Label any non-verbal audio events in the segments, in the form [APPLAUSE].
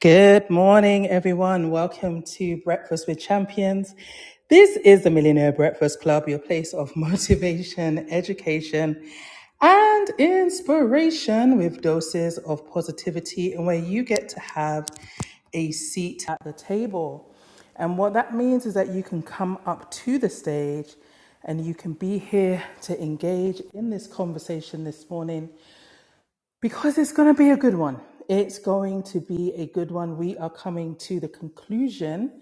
Good morning, everyone. Welcome to Breakfast with Champions. This is the Millionaire Breakfast Club, your place of [LAUGHS] motivation, education, and inspiration with doses of positivity, and where you get to have a seat at the table. And what that means is that you can come up to the stage and you can be here to engage in this conversation this morning because it's going to be a good one. It's going to be a good one. We are coming to the conclusion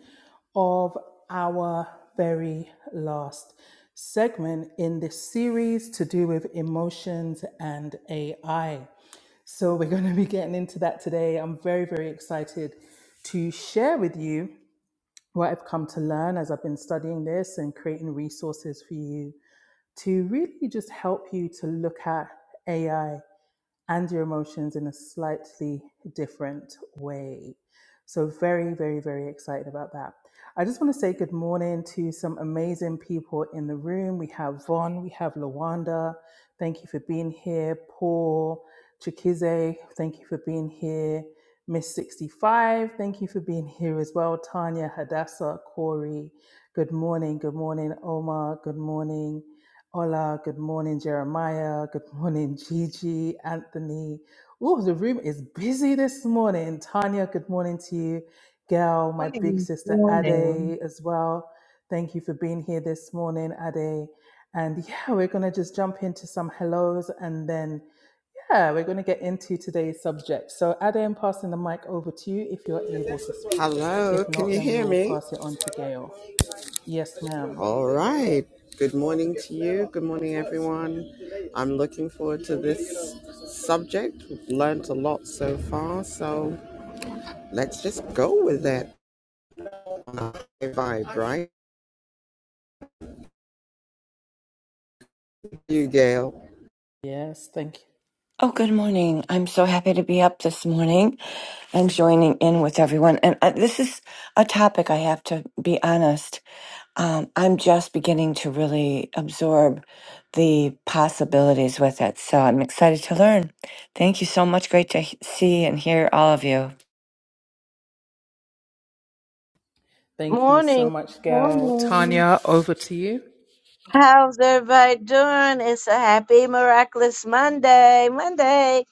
of our very last segment in this series to do with emotions and AI. So, we're going to be getting into that today. I'm very, very excited to share with you what I've come to learn as I've been studying this and creating resources for you to really just help you to look at AI and your emotions in a slightly different way. So, very, very, very excited about that. I just want to say good morning to some amazing people in the room. We have Von, we have Lawanda. Thank you for being here. Paul, Chikize, thank you for being here. Miss 65, thank you for being here as well. Tanya, Hadassah, Corey, good morning, good morning, Omar, good morning. Hola, good morning, Jeremiah. Good morning, Gigi, Anthony. Oh, the room is busy this morning. Tanya, good morning to you. Gail, my big Morning, sister morning, Ade as well. Thank you for being here this morning, Ade. And yeah, we're going to just jump into some hellos and then, yeah, we're going to get into today's subject. So, Ade, I'm passing the mic over to you if you're able to speak. Hello, If can not, you then we hear will me? pass it on to Gail. Yes, ma'am. All right. Good morning to you. Good morning, everyone. I'm looking forward to this subject. We've learned a lot so far, so let's just go with that on a high vibe, right? You, Gail. Yes, thank you. Oh, good morning. I'm so happy to be up this morning and joining in with everyone. And uh, this is a topic I have to be honest. Um, I'm just beginning to really absorb the possibilities with it. So I'm excited to learn. Thank you so much. Great to he- see and hear all of you. Thank you so morning, much, Gail. morning. Tanya, over to you. How's everybody doing? It's a happy, miraculous Monday. Monday.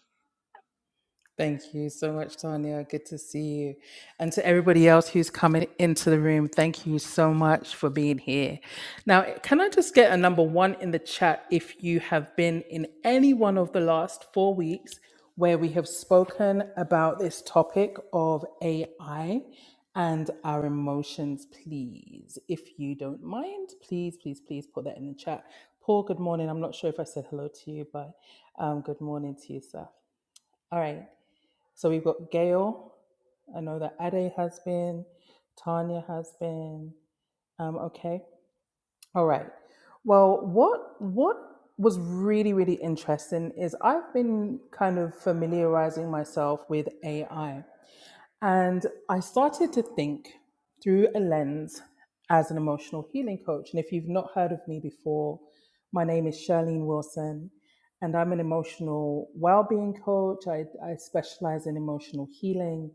Thank you so much, Tanya. Good to see you. And to everybody else who's coming into the room, thank you so much for being here. Now, can I just get a number one in the chat if you have been in any one of the last four weeks where we have spoken about this topic of AI and our emotions, please? If you don't mind, please, please, please put that in the chat. Paul, good morning. I'm not sure if I said hello to you, but um, good morning to you, sir. All right. So we've got Gail. I know that Ade has been, Tanya has been. Um, okay. All right. Well, what what was really, really interesting is I've been kind of familiarizing myself with AI. And I started to think through a lens as an emotional healing coach. And if you've not heard of me before, my name is Charlene Wilson, and I'm an emotional well being coach. I, I specialize in emotional healing.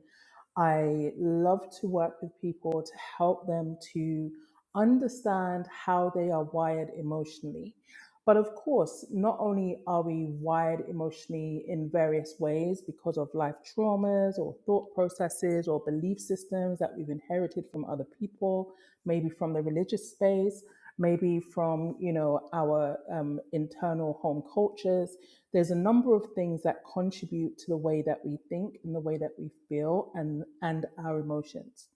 I love to work with people to help them to understand how they are wired emotionally but of course, not only are we wired emotionally in various ways because of life traumas or thought processes or belief systems that we've inherited from other people, maybe from the religious space, maybe from you know our um, internal home cultures. There's a number of things that contribute to the way that we think and the way that we feel and and our emotions.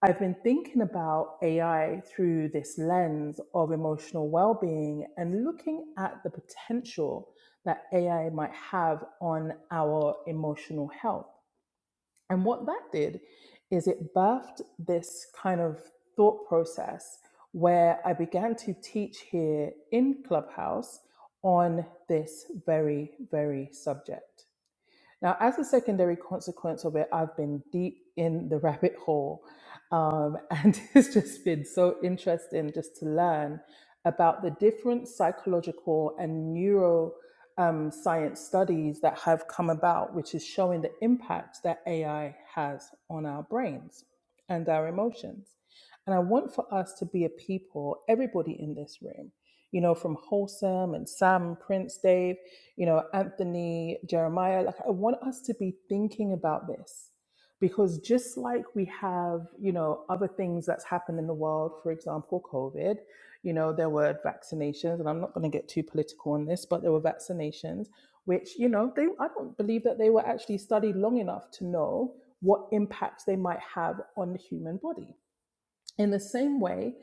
I've been thinking about AI through this lens of emotional well-being and looking at the potential that AI might have on our emotional health. And what that did is it birthed this kind of thought process where I began to teach here in Clubhouse on this very, very subject. Now, as a secondary consequence of it, I've been deep in the rabbit hole. Um, and [LAUGHS] it's just been so interesting just to learn about the different psychological and neuro um, science studies that have come about, which is showing the impact that AI has on our brains and our emotions. And I want for us to be a people, everybody in this room, you know, from Wholesome and Sam, Prince, Dave you know, Anthony, Jeremiah. Like, I want us to be thinking about this because just like we have, you know, other things that's happened in the world, for example, COVID, you know, there were vaccinations, and I'm not going to get too political on this, but there were vaccinations, which, you know, they, I don't believe that they were actually studied long enough to know what impacts they might have on the human body in the same way,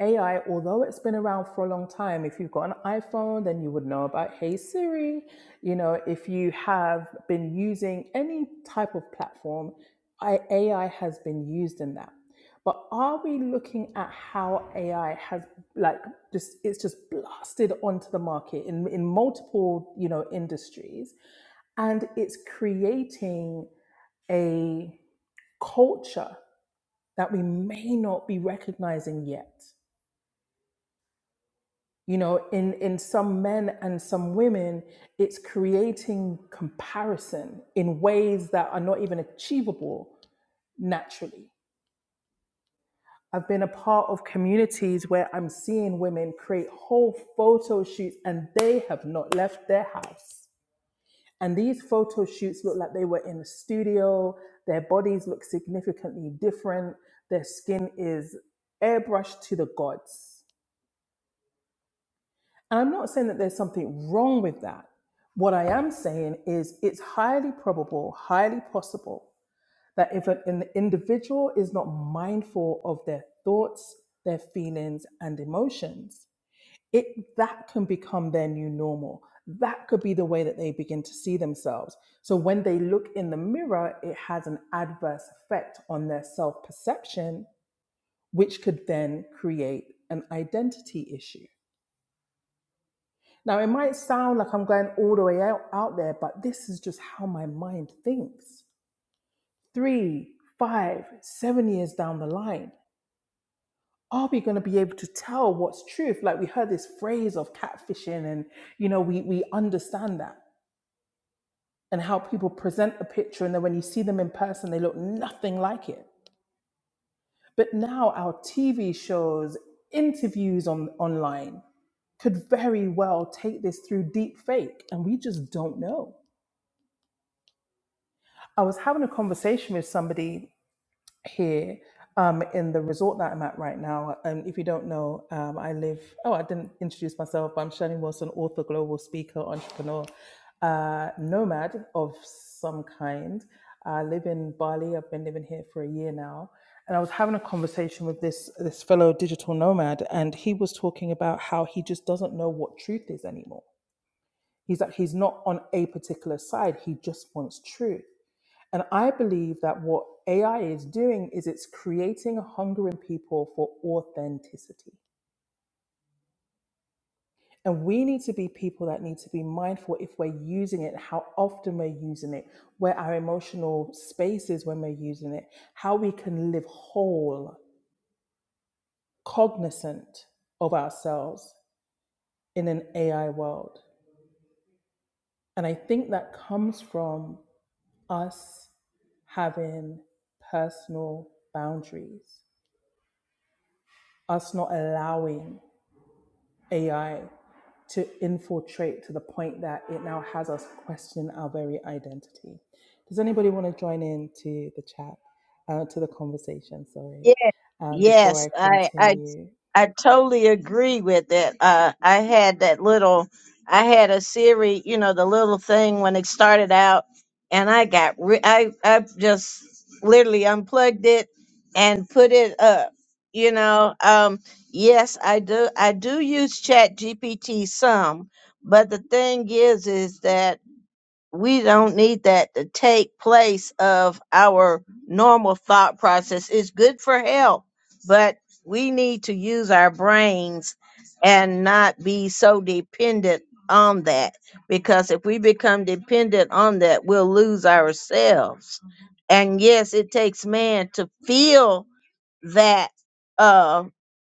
AI, although it's been around for a long time, if you've got an iPhone, then you would know about Hey Siri. You know, if you have been using any type of platform, I- AI has been used in that. But are we looking at how AI has like just it's just blasted onto the market in, in multiple, you know, industries and it's creating a culture that we may not be recognizing yet. You know, in, in some men and some women, it's creating comparison in ways that are not even achievable naturally. I've been a part of communities where I'm seeing women create whole photo shoots and they have not left their house. And these photo shoots look like they were in a studio, their bodies look significantly different, their skin is airbrushed to the gods And I'm not saying that there's something wrong with that. What I am saying is it's highly probable, highly possible that if an, individual is not mindful of their thoughts, their feelings, and emotions, it that can become their new normal. That could be the way that they begin to see themselves. So when they look in the mirror, it has an adverse effect on their self perception, which could then create an identity issue. Now, it might sound like I'm going all the way out, out there, but this is just how my mind thinks. Three, five, seven years down the line, are we going to be able to tell what's truth? Like we heard this phrase of catfishing, and you know, we, we understand that and how people present a picture, and then when you see them in person, they look nothing like it. But now our TV shows, interviews on online could very well take this through deep fake, and we just don't know. I was having a conversation with somebody here um, in the resort that I'm at right now. And if you don't know, um, I live, oh, I didn't introduce myself, but I'm Shani Wilson, author, global speaker, entrepreneur, uh, nomad of some kind. I live in Bali. I've been living here for a year now. And I was having a conversation with this, this fellow digital nomad, and he was talking about how he just doesn't know what truth is anymore. He's like, he's not on a particular side, he just wants truth. And I believe that what AI is doing is it's creating a hunger in people for authenticity. And we need to be people that need to be mindful if we're using it, how often we're using it, where our emotional space is when we're using it, how we can live whole, cognizant of ourselves in an AI world. And I think that comes from us having personal boundaries, us not allowing AI to infiltrate to the point that it now has us question our very identity. Does anybody want to join in to the chat, uh, to the conversation? Sorry, um, before Yes, I I I continue. I totally agree with it. Uh, I had that little, I had a Siri, you know, the little thing when it started out, and I got re- I I just literally unplugged it and put it up. You know, um, yes, I do. I do use Chat GPT some, but the thing is, is that we don't need that to take place of our normal thought process. It's good for health, but we need to use our brains and not be so dependent on that because if we become dependent on that, we'll lose ourselves. And yes, it takes man to feel that uh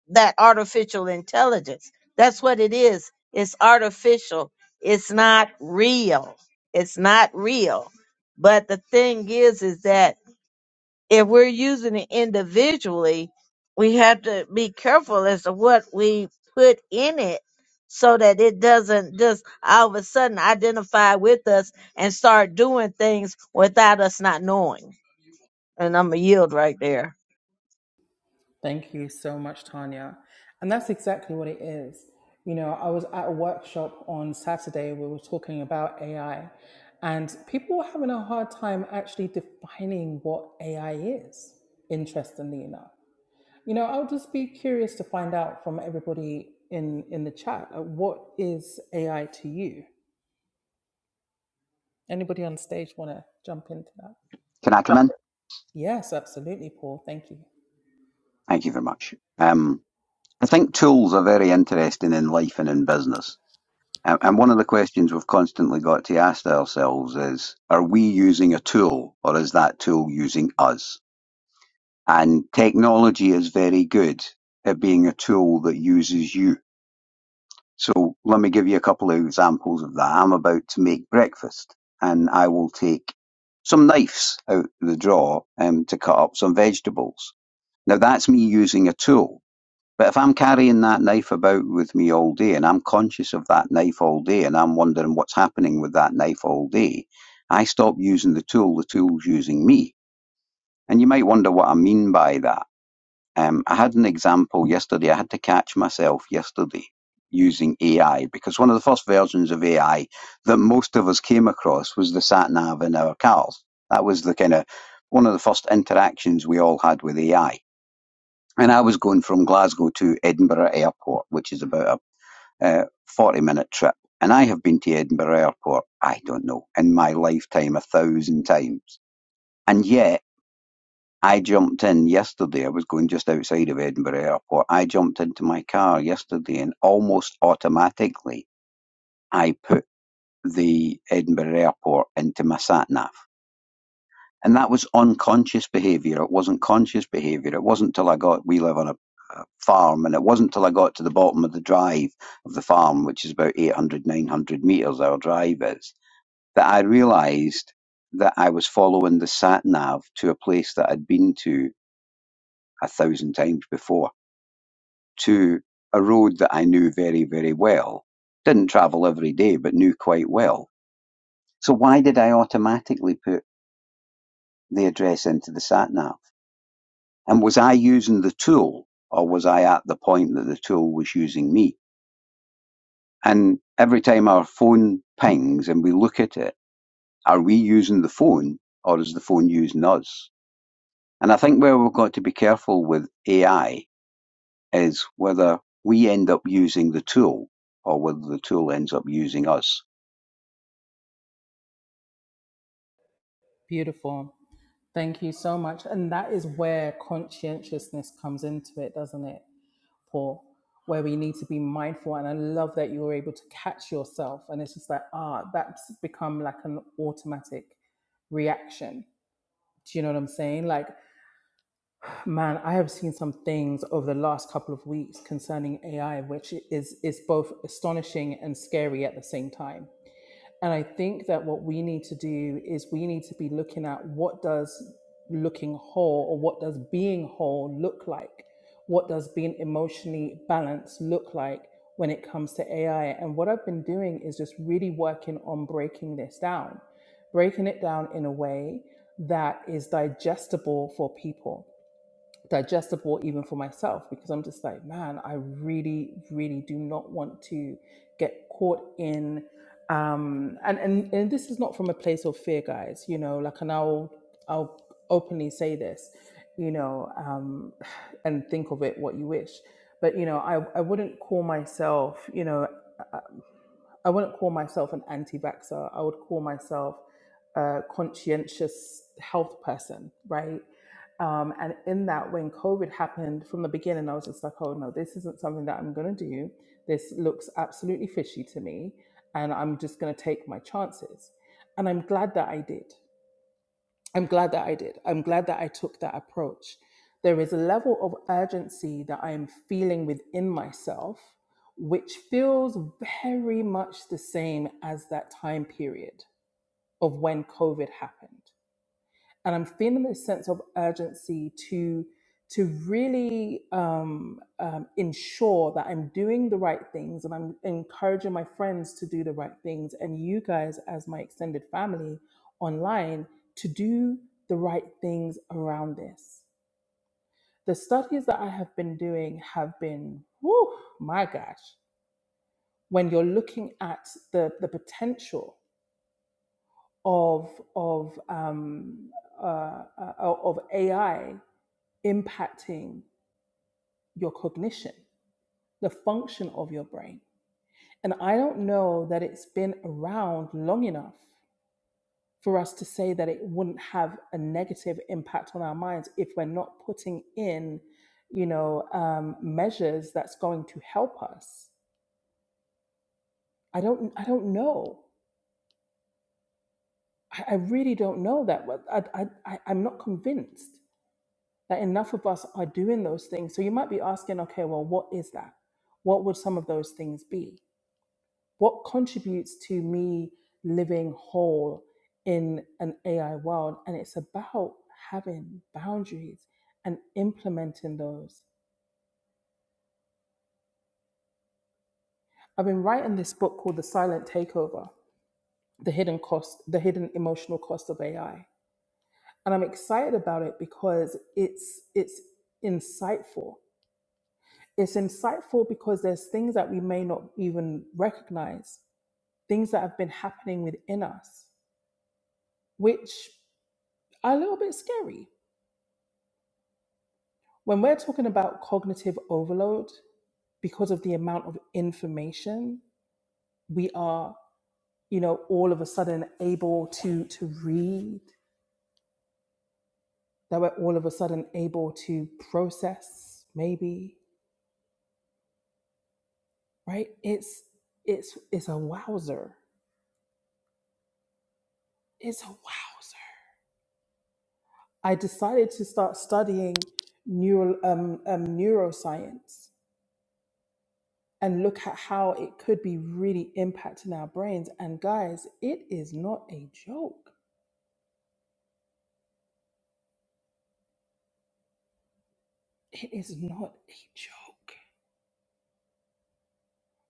that artificial intelligence that's what it is it's artificial it's not real it's not real but the thing is is that if we're using it individually we have to be careful as to what we put in it so that it doesn't just all of a sudden identify with us and start doing things without us not knowing and I'm a yield right there. Thank you so much, Tanya. And that's exactly what it is. You know, I was at a workshop on Saturday. We were talking about AI, and people were having a hard time actually defining what AI is, interestingly enough You know, I would just be curious to find out from everybody in in the chat uh, what is AI to you. Anybody on stage want to jump into that? Can I come in? Yes, absolutely, Paul. Thank you. Thank you very much. Um, I think tools are very interesting in life and in business. And and one of the questions we've constantly got to ask ourselves is, are we using a tool or is that tool using us? And technology is very good at being a tool that uses you. So let me give you a couple of examples of that. I'm about to make breakfast and I will take some knives out of the drawer um, to cut up some vegetables. Now that's me using a tool But if I'm carrying that knife about with me all day and I'm conscious of that knife all day and I'm wondering what's happening with that knife all day, I stop using the tool, the tool's using me. And you might wonder what I mean by that. Um, I had an example yesterday. I had to catch myself yesterday using AI because one of the first versions of AI that most of us came across was the sat nav in our cars. That was the kind of one of the first interactions we all had with AI and I was going from Glasgow to Edinburgh Airport, which is about a uh, 40 minute trip. And I have been to Edinburgh Airport, I don't know, in my lifetime a thousand times. And yet, I jumped in yesterday. I was going just outside of Edinburgh Airport. I jumped into my car yesterday and almost automatically I put the Edinburgh Airport into my sat nav. and that was unconscious behavior. It wasn't conscious behavior. It wasn't till I got we live on a, a farm, and it wasn't till I got to the bottom of the drive of the farm, which is about 800, meters our drive is, that I realized that I was following the sat nav to a place that I'd been to a thousand times before, to a road that I knew very, very well. Didn't travel every day, but knew quite well. So why did I automatically put the address into the sat nav? and was I using the tool or was I at the point that the tool was using me? And every time our phone pings and we look at it, are we using the phone or is the phone using us? And I think where we've got to be careful with AI is whether we end up using the tool or whether the tool ends up using us. Beautiful. Thank you so much. And that is where conscientiousness comes into it, doesn't it, Paul? Where we need to be mindful. And I love that you were able to catch yourself. And it's just like, ah, that's become like an automatic reaction. Do you know what I'm saying? Like Man, I have seen some things over the last couple of weeks concerning AI, which is is both astonishing and scary at the same time. And I think that what we need to do is we need to be looking at what does looking whole or what does being whole look like? What does being emotionally balanced look like when it comes to AI? And what I've been doing is just really working on breaking this down, breaking it down in a way that is digestible for people digestible even for myself because I'm just like, man, I really, really do not want to get caught in. Um, and, and and this is not from a place of fear, guys. You know, like, and I'll I'll openly say this, you know, um, and think of it what you wish. But you know, I I wouldn't call myself, you know. I wouldn't call myself an anti-vaxxer. I would call myself a conscientious health person, right? Um, and in that, when COVID happened from the beginning, I was just like, oh no, this isn't something that I'm going to do. This looks absolutely fishy to me. And I'm just going to take my chances. And I'm glad that I did I'm glad that I did. I'm glad that I took that approach. There is a level of urgency that I am feeling within myself, which feels very much the same as that time period of when COVID happened and I'm feeling this sense of urgency to to really um, um, ensure that I'm doing the right things and I'm encouraging my friends to do the right things and you guys as my extended family online to do the right things around this. The studies that I have been doing have been, whew, my gosh, when you're looking at the, the potential of, of, um, uh, uh, of AI impacting your cognition, the function of your brain. And I don't know that it's been around long enough for us to say that it wouldn't have a negative impact on our minds if we're not putting in, you know, um, measures that's going to help us. I don't, I don't know. I, I really don't know that. I, I- I'm not convinced that enough of us are doing those things. So you might be asking, okay, well, what is that? What would some of those things be? what contributes to me living whole in an AI world. And it's about having boundaries and implementing those. I've been writing this book called The Silent Takeover, The Hidden Cost, The Hidden Emotional Cost of AI. And I'm excited about it because it's it's insightful. It's insightful because there's things that we may not even recognize, things that have been happening within us, which are a little bit scary When we're talking about cognitive overload, because of the amount of information, we are, you know, all of a sudden able to to read, that we're all of a sudden able to process, maybe, right? It's it's it's a wowzer. It's a wowzer. I decided to start studying neural um, um, neuroscience and look at how it could be really impacting our brains. And guys, it is not a joke. It is not a joke.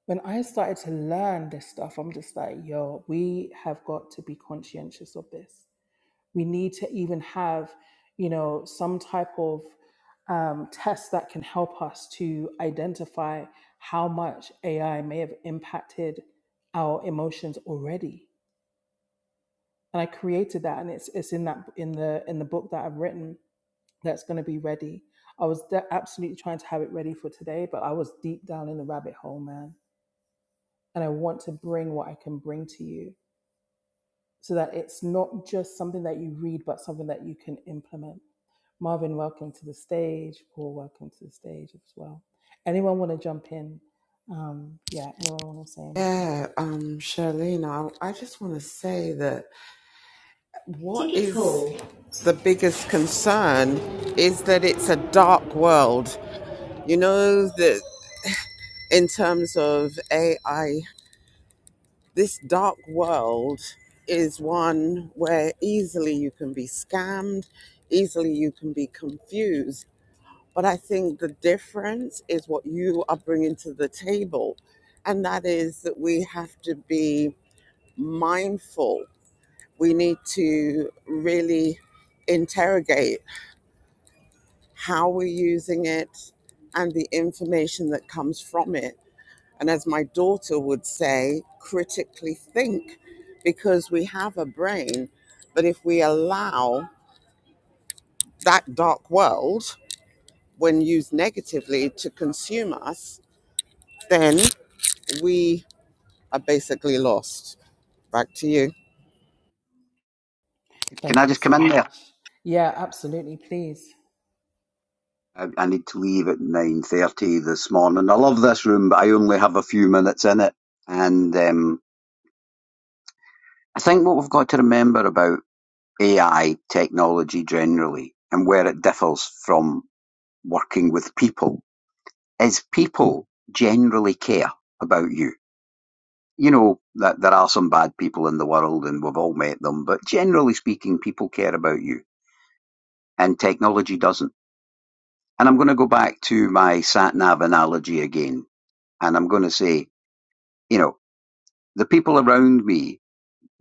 When I started to learn this stuff, I'm just like, yo, we have got to be conscientious of this. We need to even have, you know, some type of um, test that can help us to identify how much AI may have impacted our emotions already. And I created that, and it's it's in that in the in the book that I've written that's going to be ready. I was de- absolutely trying to have it ready for today, but I was deep down in the rabbit hole, man and I want to bring what I can bring to you so that it's not just something that you read, but something that you can implement. Marvin, welcome to the stage. Paul, welcome to the stage as well. Anyone want to jump in? Um, yeah, anyone want to say anything? Yeah, um, Charlene, I, I just want to say that what is the biggest concern is that it's a dark world. You know that in terms of AI this dark world is one where easily you can be scammed, easily you can be confused. But I think the difference is what you are bringing to the table. And that is that we have to be mindful. We need to really interrogate how we're using it and the information that comes from it and as my daughter would say, critically think because we have a brain that if we allow that dark world, when used negatively, to consume us, then we are basically lost. Back to you. Can I Thank you just come so in there? much. Yeah, absolutely. Please. I I need to leave at 9.30 this morning. I love this room, but I only have a few minutes in it. And um, I think what we've got to remember about AI technology generally and where it differs from working with people is people generally care about you. You know that there are some bad people in the world and we've all met them, but generally speaking, people care about you and technology doesn't. And I'm going to go back to my sat nav analogy again. And I'm going to say, you know, the people around me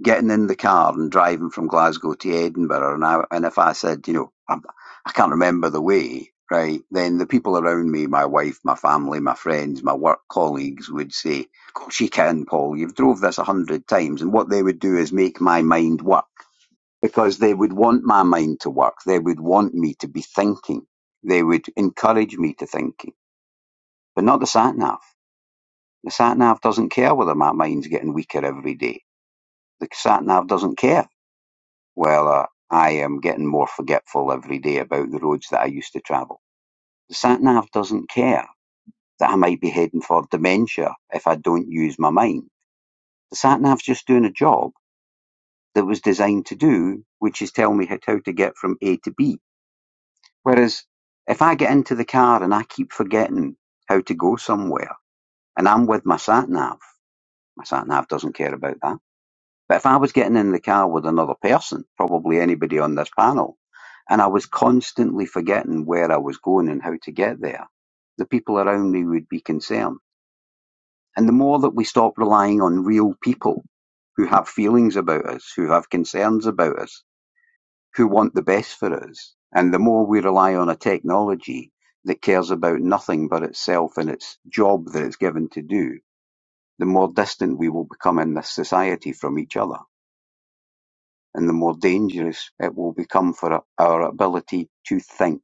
getting in the car and driving from Glasgow to Edinburgh, and I, and if I said, you know, I'm, I can't remember the way, right, then the people around me, my wife, my family, my friends, my work colleagues would say, "Of course you can, Paul. You've drove this a hundred times." And what they would do is make my mind work because they would want my mind to work. They would want me to be thinking. They would encourage me to thinking, but not the sat nav. The sat nav doesn't care whether my mind's getting weaker every day. The sat nav doesn't care Well, uh, I am getting more forgetful every day about the roads that I used to travel. The sat nav doesn't care that I might be heading for dementia if I don't use my mind. The sat nav's just doing a job that was designed to do, which is tell me how how to get from A to B. Whereas if I get into the car and I keep forgetting how to go somewhere and I'm with my sat nav, my sat nav doesn't care about that. But if I was getting in the car with another person, probably anybody on this panel, and I was constantly forgetting where I was going and how to get there, the people around me would be concerned. And the more that we stop relying on real people who have feelings about us, who have concerns about us, who want the best for us, and the more we rely on a technology that cares about nothing but itself and its job that it's given to do, the more distant we will become in this society from each other. and the more dangerous it will become for our ability to think.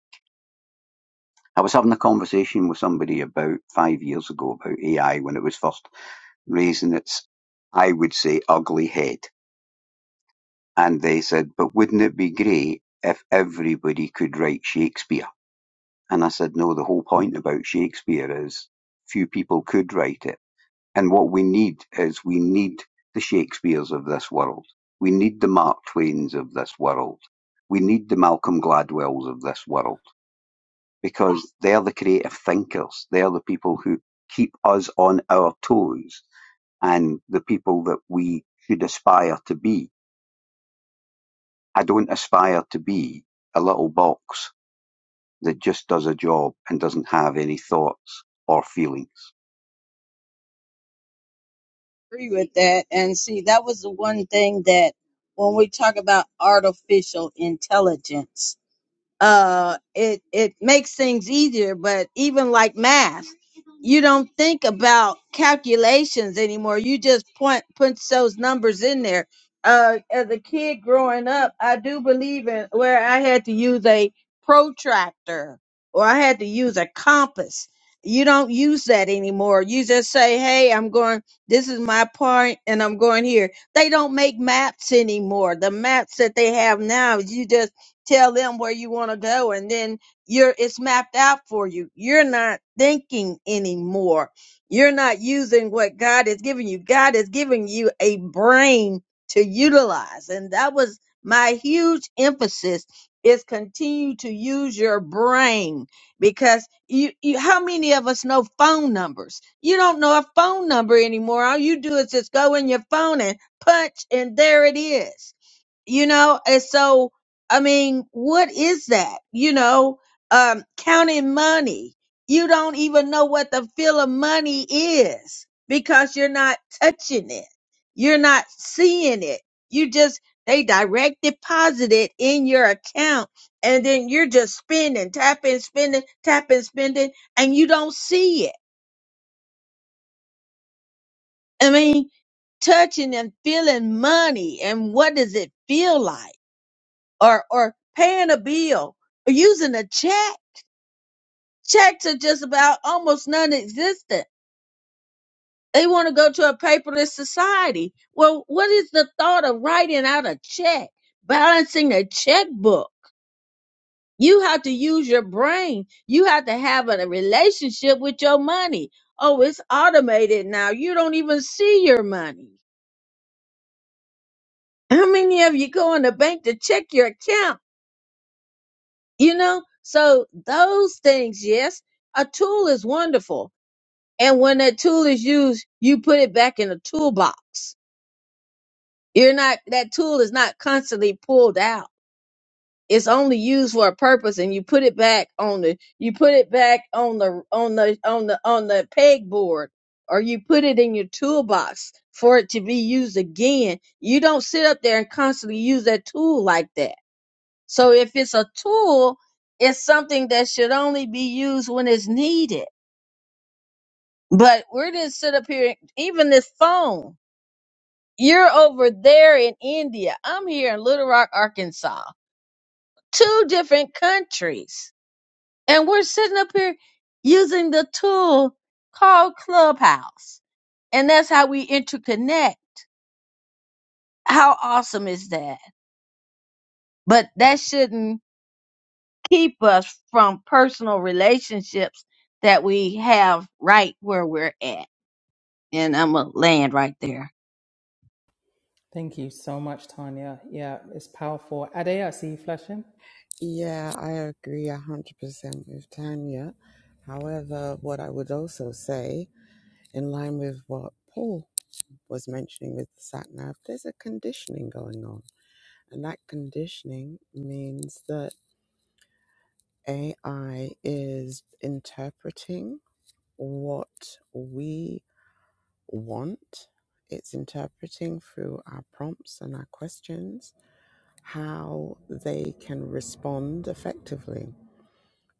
I was having a conversation with somebody about five years ago about AI when it was first raising its, I would say, ugly head. And they said, but wouldn't it be great if everybody could write Shakespeare? And I said, no, the whole point about Shakespeare is few people could write it And what we need is we need the Shakespeares of this world. We need the Mark Twains of this world. We need the Malcolm Gladwells of this world because they're the creative thinkers. They're the people who keep us on our toes and the people that we should aspire to be. I don't aspire to be a little box that just does a job and doesn't have any thoughts or feelings. agree with that. And see, that was the one thing that when we talk about artificial intelligence, uh it it makes things easier but even like math you don't think about calculations anymore you just point punch those numbers in there uh as a kid growing up i do believe in where i had to use a protractor or i had to use a compass you don't use that anymore you just say hey i'm going this is my point and i'm going here they don't make maps anymore the maps that they have now you just tell them where you want to go and then you're it's mapped out for you you're not thinking anymore you're not using what god is giving you god is giving you a brain to utilize and that was my huge emphasis is continue to use your brain because you, you how many of us know phone numbers you don't know a phone number anymore all you do is just go in your phone and punch and there it is you know and so i mean what is that you know um counting money you don't even know what the feel of money is because you're not touching it you're not seeing it you just they direct deposit it in your account and then you're just spending tapping spending tapping spending and you don't see it i mean touching and feeling money and what does it feel like or or paying a bill or using a check. Checks are just about almost non-existent. They want to go to a paperless society. Well, what is the thought of writing out a check, balancing a checkbook? You have to use your brain. You have to have a relationship with your money. Oh, it's automated now. You don't even see your money. How many of you go in the bank to check your account? You know, so those things, yes, a tool is wonderful And when that tool is used, you put it back in the toolbox. You're not, that tool is not constantly pulled out. It's only used for a purpose and you put it back on the, you put it back on the, on the, on the, on the pegboard or you put it in your toolbox for it to be used again. You don't sit up there and constantly use that tool like that. So if it's a tool, it's something that should only be used when it's needed. But we're just sit up here, even this phone. You're over there in India. I'm here in Little Rock, Arkansas. Two different countries. And we're sitting up here using the tool called Clubhouse. And that's how we interconnect. How awesome is that? But that shouldn't keep us from personal relationships that we have right where we're at. And I'm going to land right there. Thank you so much, Tanya. Yeah, it's powerful. Ade, I see you flashing. Yeah, I agree 100% with Tanya. However, what I would also say, in line with what Paul was mentioning with the sat nav, there's a conditioning going on. And that conditioning means that AI is interpreting what we want. It's interpreting through our prompts and our questions how they can respond effectively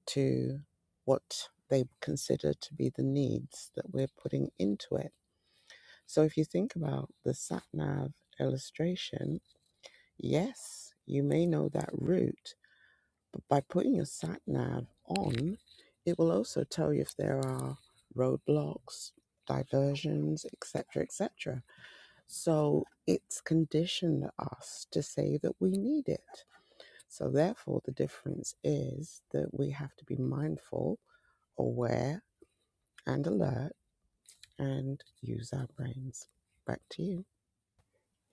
to what they consider to be the needs that we're putting into it. So if you think about the sat nav illustration, yes, you may know that route, But by putting your sat nav on, it will also tell you if there are roadblocks, diversions, etc., etc. So it's conditioned us to say that we need it. So therefore, the difference is that we have to be mindful, aware, and alert, and use our brains. Back to you.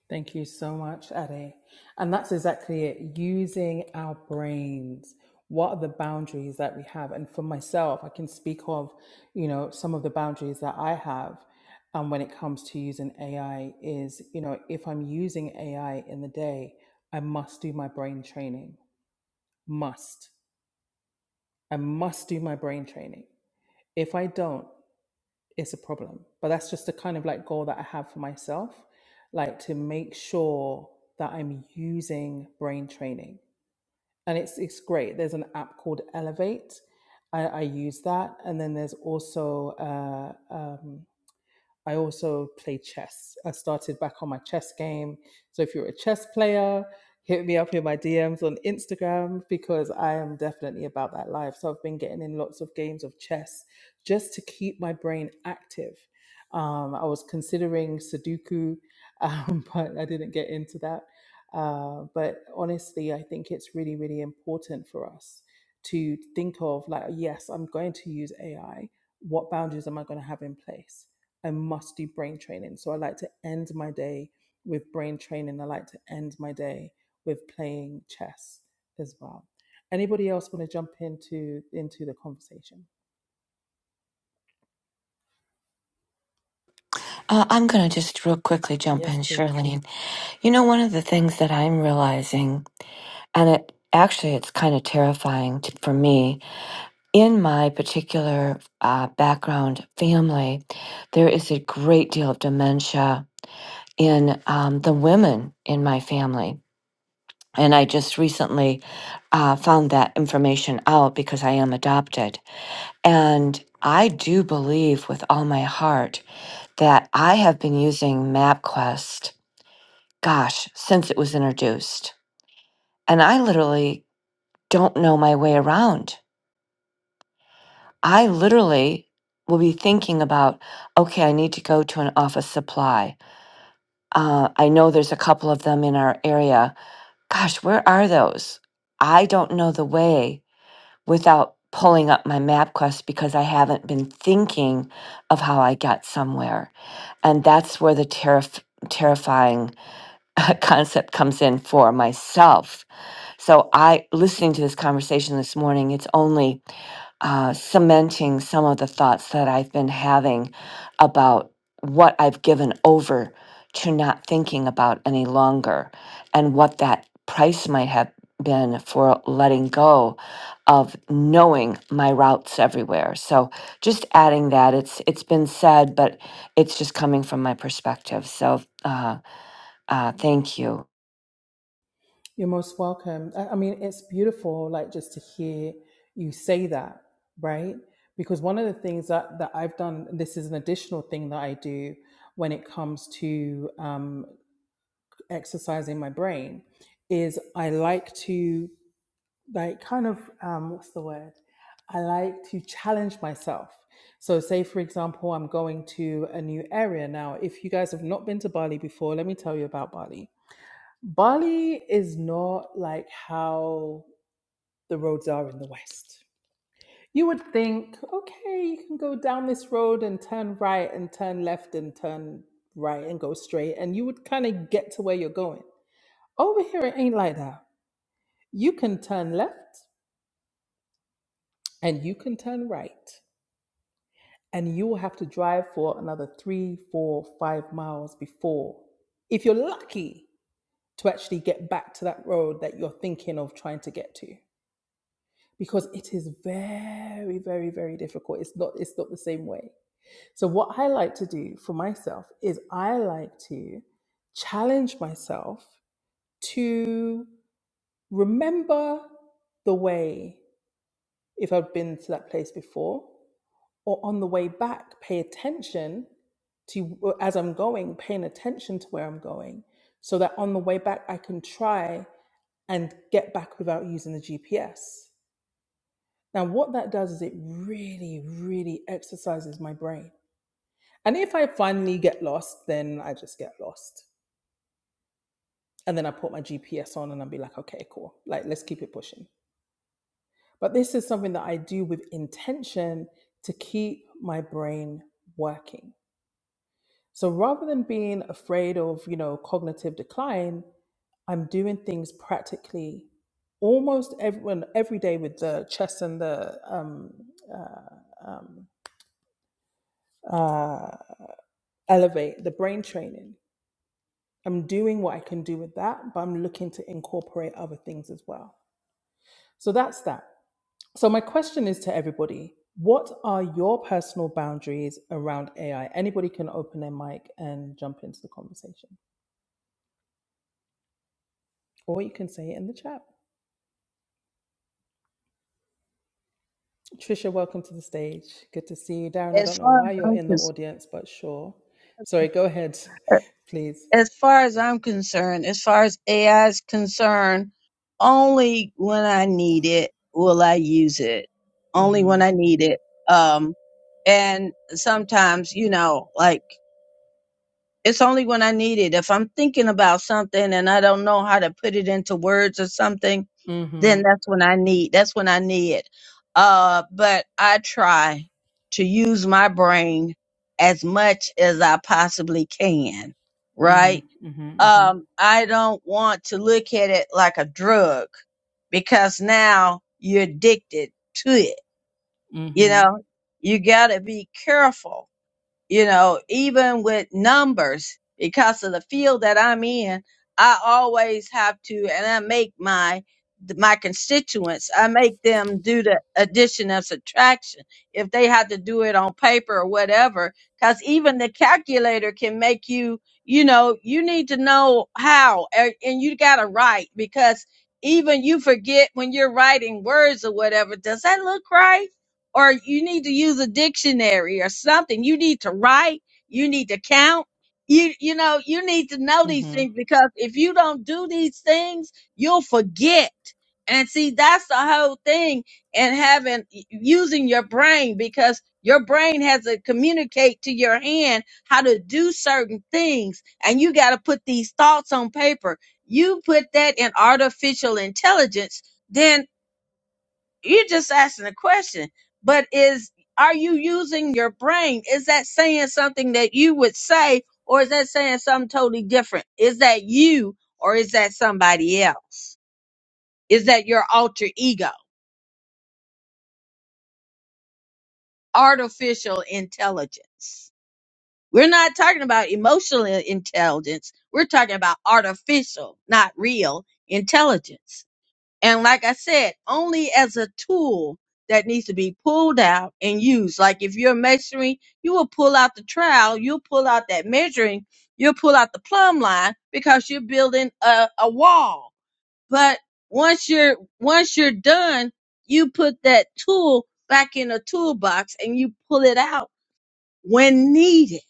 Thank you so much, Ade. And that's exactly it using our brains. What are the boundaries that we have? And for myself, I can speak of, you know, some of the boundaries that I have um, when it comes to using AI is, you know, if I'm using AI in the day, I must do my brain training. Must. I must do my brain training. If I don't, it's a problem. But that's just the kind of like goal that I have for myself, like to make sure that I'm using brain training. And it's it's great. There's an app called Elevate. I, I use that, and then there's also uh, um, I also play chess. I started back on my chess game. So if you're a chess player, hit me up in my DMs on Instagram because I am definitely about that life. So I've been getting in lots of games of chess just to keep my brain active. Um, I was considering Sudoku, um, [LAUGHS] but I didn't get into that. Uh, but honestly, I think it's really, really important for us to think of like, yes, I'm going to use AI. What boundaries am I going to have in place? I must do brain training. So I like to end my day with brain training. I like to end my day with playing chess as well. Anybody else want to jump into into the conversation? Uh, I'm going to just real quickly jump Yes, in, please. Shirlene. You know, one of the things that I'm realizing, and it actually it's kind of terrifying to, for me in my particular uh, background family, there is a great deal of dementia in um, the women in my family. And I just recently uh, found that information out because I am adopted. And I do believe with all my heart that I have been using MapQuest, gosh, since it was introduced. And I literally don't know my way around. I literally will be thinking about, okay, I need to go to an office supply. Uh, I know there's a couple of them in our area. Gosh, where are those? I don't know the way without pulling up my map quest because I haven't been thinking of how I got somewhere. And that's where the terrif- terrifying [LAUGHS] concept comes in for myself. So I listening to this conversation this morning, it's only uh, cementing some of the thoughts that I've been having about what I've given over to not thinking about any longer and what that price might have been for letting go of knowing my routes everywhere. So just adding that it's it's been said but it's just coming from my perspective. So uh, uh, thank you. You're most welcome. I, I mean, it's beautiful, like just to hear you say that, right? Because one of the things that that I've done, this is an additional thing that I do when it comes to um, exercising my brain, is I like to like kind of um what's the word i like to challenge myself so say for example i'm going to a new area now if you guys have not been to bali before let me tell you about bali bali is not like how the roads are in the west you would think okay you can go down this road and turn right and turn left and turn right and go straight and you would kind of get to where you're going over here it ain't like that you can turn left and you can turn right and you will have to drive for another three, four, five miles before, if you're lucky, to actually get back to that road that you're thinking of trying to get to. Because it is very, very, very difficult. It's not, it's not the same way. So what I like to do for myself is I like to challenge myself to remember the way if I've been to that place before or on the way back pay attention to as i'm going paying attention to where i'm going so that on the way back i can try and get back without using the gps now what that does is it really really exercises my brain and if i finally get lost then i just get lost and then i put my gps on and i'll be like okay cool like let's keep it pushing but this is something that i do with intention to keep my brain working So rather than being afraid of, you know, cognitive decline, I'm doing things practically almost everyone every day with the chest and the um, um, uh, elevate the brain training. I'm doing what I can do with that, but I'm looking to incorporate other things as well. So that's that. So my question is to everybody: What are your personal boundaries around AI? Anybody can open their mic and jump into the conversation, or you can say it in the chat. Trisha, welcome to the stage. Good to see you. Darren, I As don't know far why as you're I'm in the concerned. audience, but sure. Sorry, go ahead, [LAUGHS] please. as far as I'm concerned, as far as AI is concerned, only when I need it will I use it. Only Mm-hmm. when I need it. Um, and sometimes, you know, like it's only when I need it. If I'm thinking about something and I don't know how to put it into words or something, Mm-hmm. then that's when I need. That's when I need it. Uh, but I try to use my brain as much as I possibly can, Mm-hmm. right? Mm-hmm. um, I don't want to look at it like a drug because now you're addicted to it. You Mm-hmm. know, you got to be careful you know, even with numbers, because of the field that I'm in, I always have to, and I make my my constituents, I make them do the addition and subtraction if they have to do it on paper or whatever. Because even the calculator can make you, you know, you need to know how, a- and you got to write because even you forget when you're writing words or whatever. Does that look right? or you need to use a dictionary or something. You need to write. You need to count. You, you know, you need to know these Mm-hmm. things because if you don't do these things, you'll forget. And see, that's the whole thing in having, using your brain because your brain has to communicate to your hand how to do certain things. And you got to put these thoughts on paper. You put that in artificial intelligence, then you're just asking a question. But is are you using your brain? Is that saying something that you would say, or is that saying something totally different? Is that you or is that somebody else? Is that your alter ego? Artificial intelligence. We're not talking about emotional intelligence. We're talking about artificial, not real intelligence. And like I said, only as a tool that needs to be pulled out and used. Like if you're measuring, you will pull out the trowel, you'll pull out that measuring, you'll pull out the plumb line because you're building a, a wall. But once you're once you're done, you put that tool back in a toolbox and you pull it out when needed.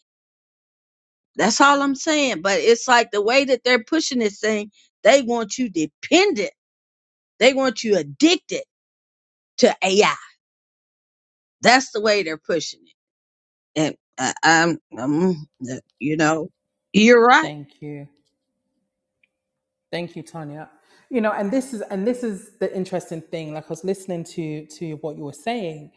That's all I'm saying. But it's like the way that they're pushing this thing, they want you dependent. They want you addicted to AI That's the way they're pushing it. And I, I'm, I'm, uh, you know, you're right. Thank you. Thank you, Tanya. You know, and this is and this is the interesting thing. Like I was listening to to what you were saying,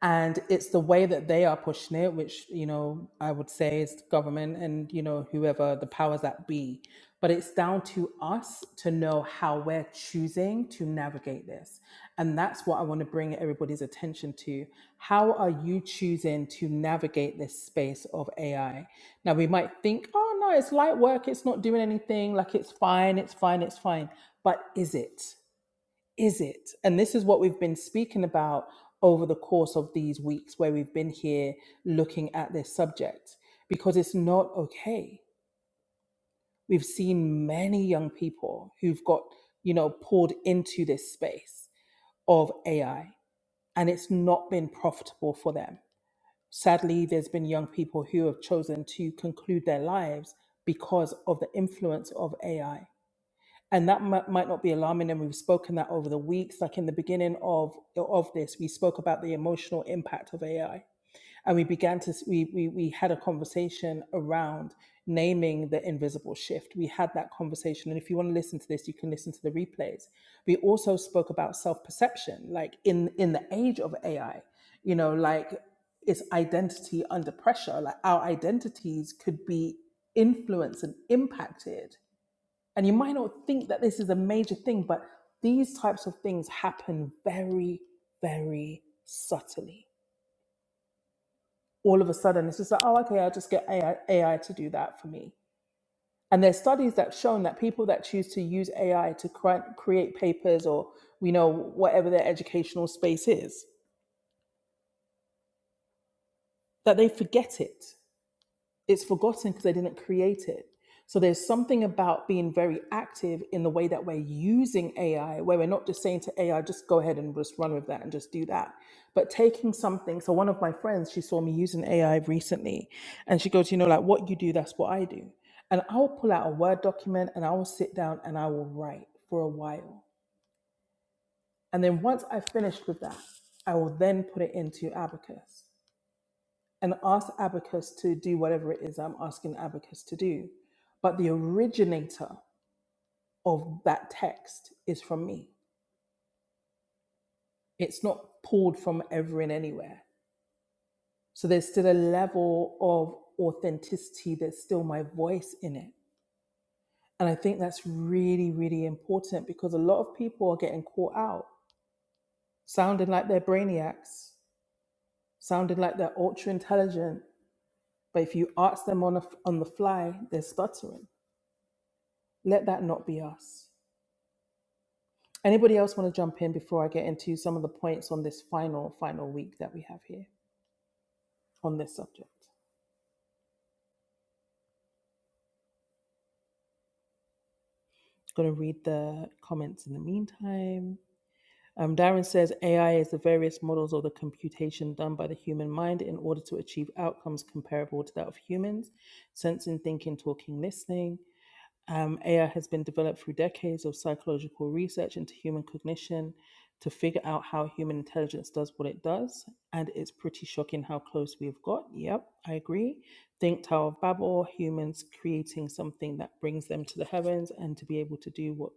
and it's the way that they are pushing it, which you know I would say is the government and you know whoever the powers that be. But it's down to us to know how we're choosing to navigate this, and that's what I want to bring everybody's attention to. How are you choosing to navigate this space of AI? Now we might think, oh no, it's light work. It's not doing anything. Like it's fine. It's fine. It's fine. But is it? Is it? And this is what we've been speaking about over the course of these weeks where we've been here looking at this subject because it's not okay. We've seen many young people who've got, you know, pulled into this space of AI and it's not been profitable for them. Sadly, there's been young people who have chosen to conclude their lives because of the influence of AI and that might, might not be alarming and we've spoken that over the weeks like in the beginning of of this we spoke about the emotional impact of ai and we began to we we, we had a conversation around naming the invisible shift we had that conversation and if you want to listen to this you can listen to the replays we also spoke about self-perception like in in the age of ai you know like it's identity under pressure like our identities could be influenced and impacted and you might not think that this is a major thing, but these types of things happen very, very subtly. All of a sudden, it's just like, oh, okay, I'll just get AI, to do that for me. And there's studies that have shown that people that choose to use AI to cri- create papers or, you know, whatever their educational space is, that they forget it it's forgotten because they didn't create it. So there's something about being very active in the way that we're using AI, where we're not just saying to AI, just go ahead and just run with that and just do that, but taking something. So one of my friends, she saw me using AI recently, and she goes, you know, like what you do, that's what I do. And I will pull out a Word document and I will sit down and I will write for a while. And then once I've finished with that, I will then put it into Abacus and ask Abacus to do whatever it is I'm asking Abacus to do. But the originator of that text is from me. It's not pulled from ever and anywhere. So there's still a level of authenticity, there's still my voice in it. And I think that's really, really important because a lot of people are getting caught out sounding like they're brainiacs, sounding like they're ultra intelligent. But if you ask them on, a, on the fly, they're stuttering. Let that not be us. Anybody else want to jump in before I get into some of the points on this final, final week that we have here on this subject? going to read the comments in the meantime. Um, Darren says AI is the various models or the computation done by the human mind in order to achieve outcomes comparable to that of humans, sensing, thinking, talking, listening. Um, AI has been developed through decades of psychological research into human cognition to figure out how human intelligence does what it does. And it's pretty shocking how close we've got. Yep, I agree. Think Tower of Babel, humans creating something that brings them to the heavens and to be able to do what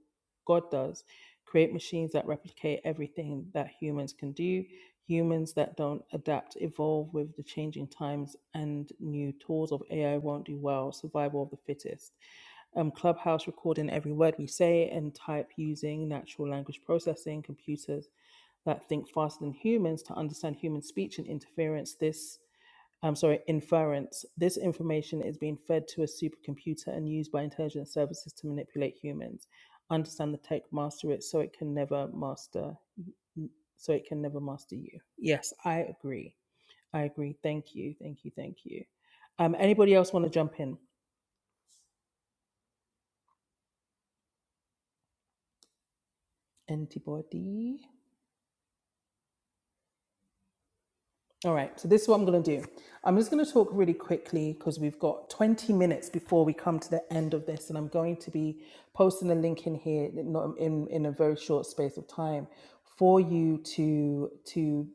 God does create machines that replicate everything that humans can do, humans that don't adapt, evolve with the changing times and new tools of AI won't do well, survival of the fittest um, Clubhouse recording every word we say and type using natural language processing computers that think faster than humans to understand human speech and interference. This, I'm sorry, inference. This information is being fed to a supercomputer and used by intelligence services to manipulate humans. Understand the tech, master it, so it can never master, so it can never master you. Yes, I agree. I agree. Thank you. Thank you. Thank you. Um, anybody else want to jump in? Antibody. All right, so this is what I'm going to do. I'm just going to talk really quickly because we've got 20 minutes before we come to the end of this, and I'm going to be posting a link in here in, in, in a very short space of time for you to to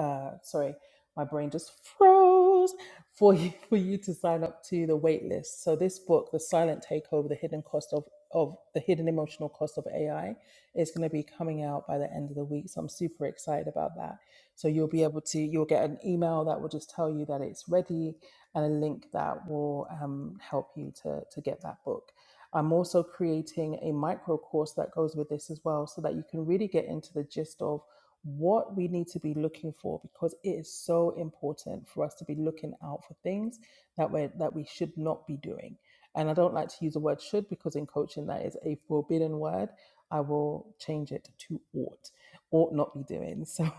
uh, sorry, my brain just froze [LAUGHS] for you, for you to sign up to the wait list. So this book, The Silent Takeover, The Hidden Cost of, of the Hidden Emotional Cost of AI is going to be coming out by the end of the week. So I'm super excited about that. So you'll be able to, you'll get an email that will just tell you that it's ready and a link that will um, help you to, to get that book. I'm also creating a micro course that goes with this as well so that you can really get into the gist of what we need to be looking for because it is so important for us to be looking out for things that we that we should not be doing. And I don't like to use the word should because in coaching that is a forbidden word. I will change it to ought, ought not be doing. So [LAUGHS]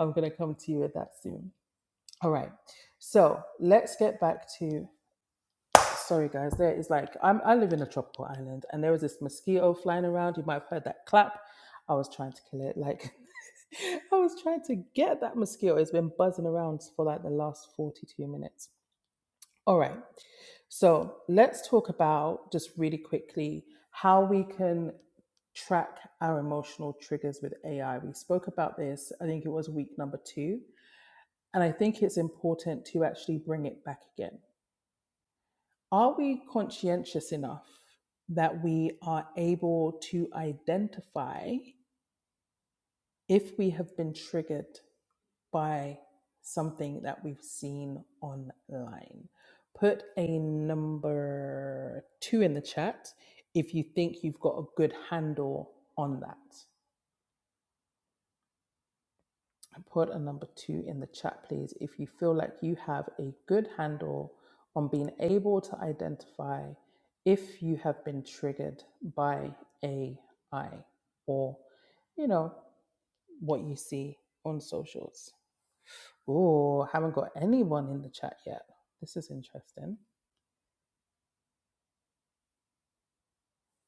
I'm going to come to you with that soon. All right. So let's get back to Sorry, guys. There is like I'm, I live in a tropical island, and there was this mosquito flying around. You might have heard that clap. I was trying to kill it. Like [LAUGHS] I was trying to get that mosquito. It's been buzzing around for like the last 42 minutes. All right. So let's talk about just really quickly how we can track our emotional triggers with AI. We spoke about this. I think it was week number two, and I think it's important to actually bring it back again are we conscientious enough that we are able to identify if we have been triggered by something that we've seen online? Put a number two in the chat if you think you've got a good handle on that. Put a number two in the chat, please, if you feel like you have a good handle on being able to identify if you have been triggered by AI or, you know, what you see on socials. Oh, haven't got anyone in the chat yet. This is interesting.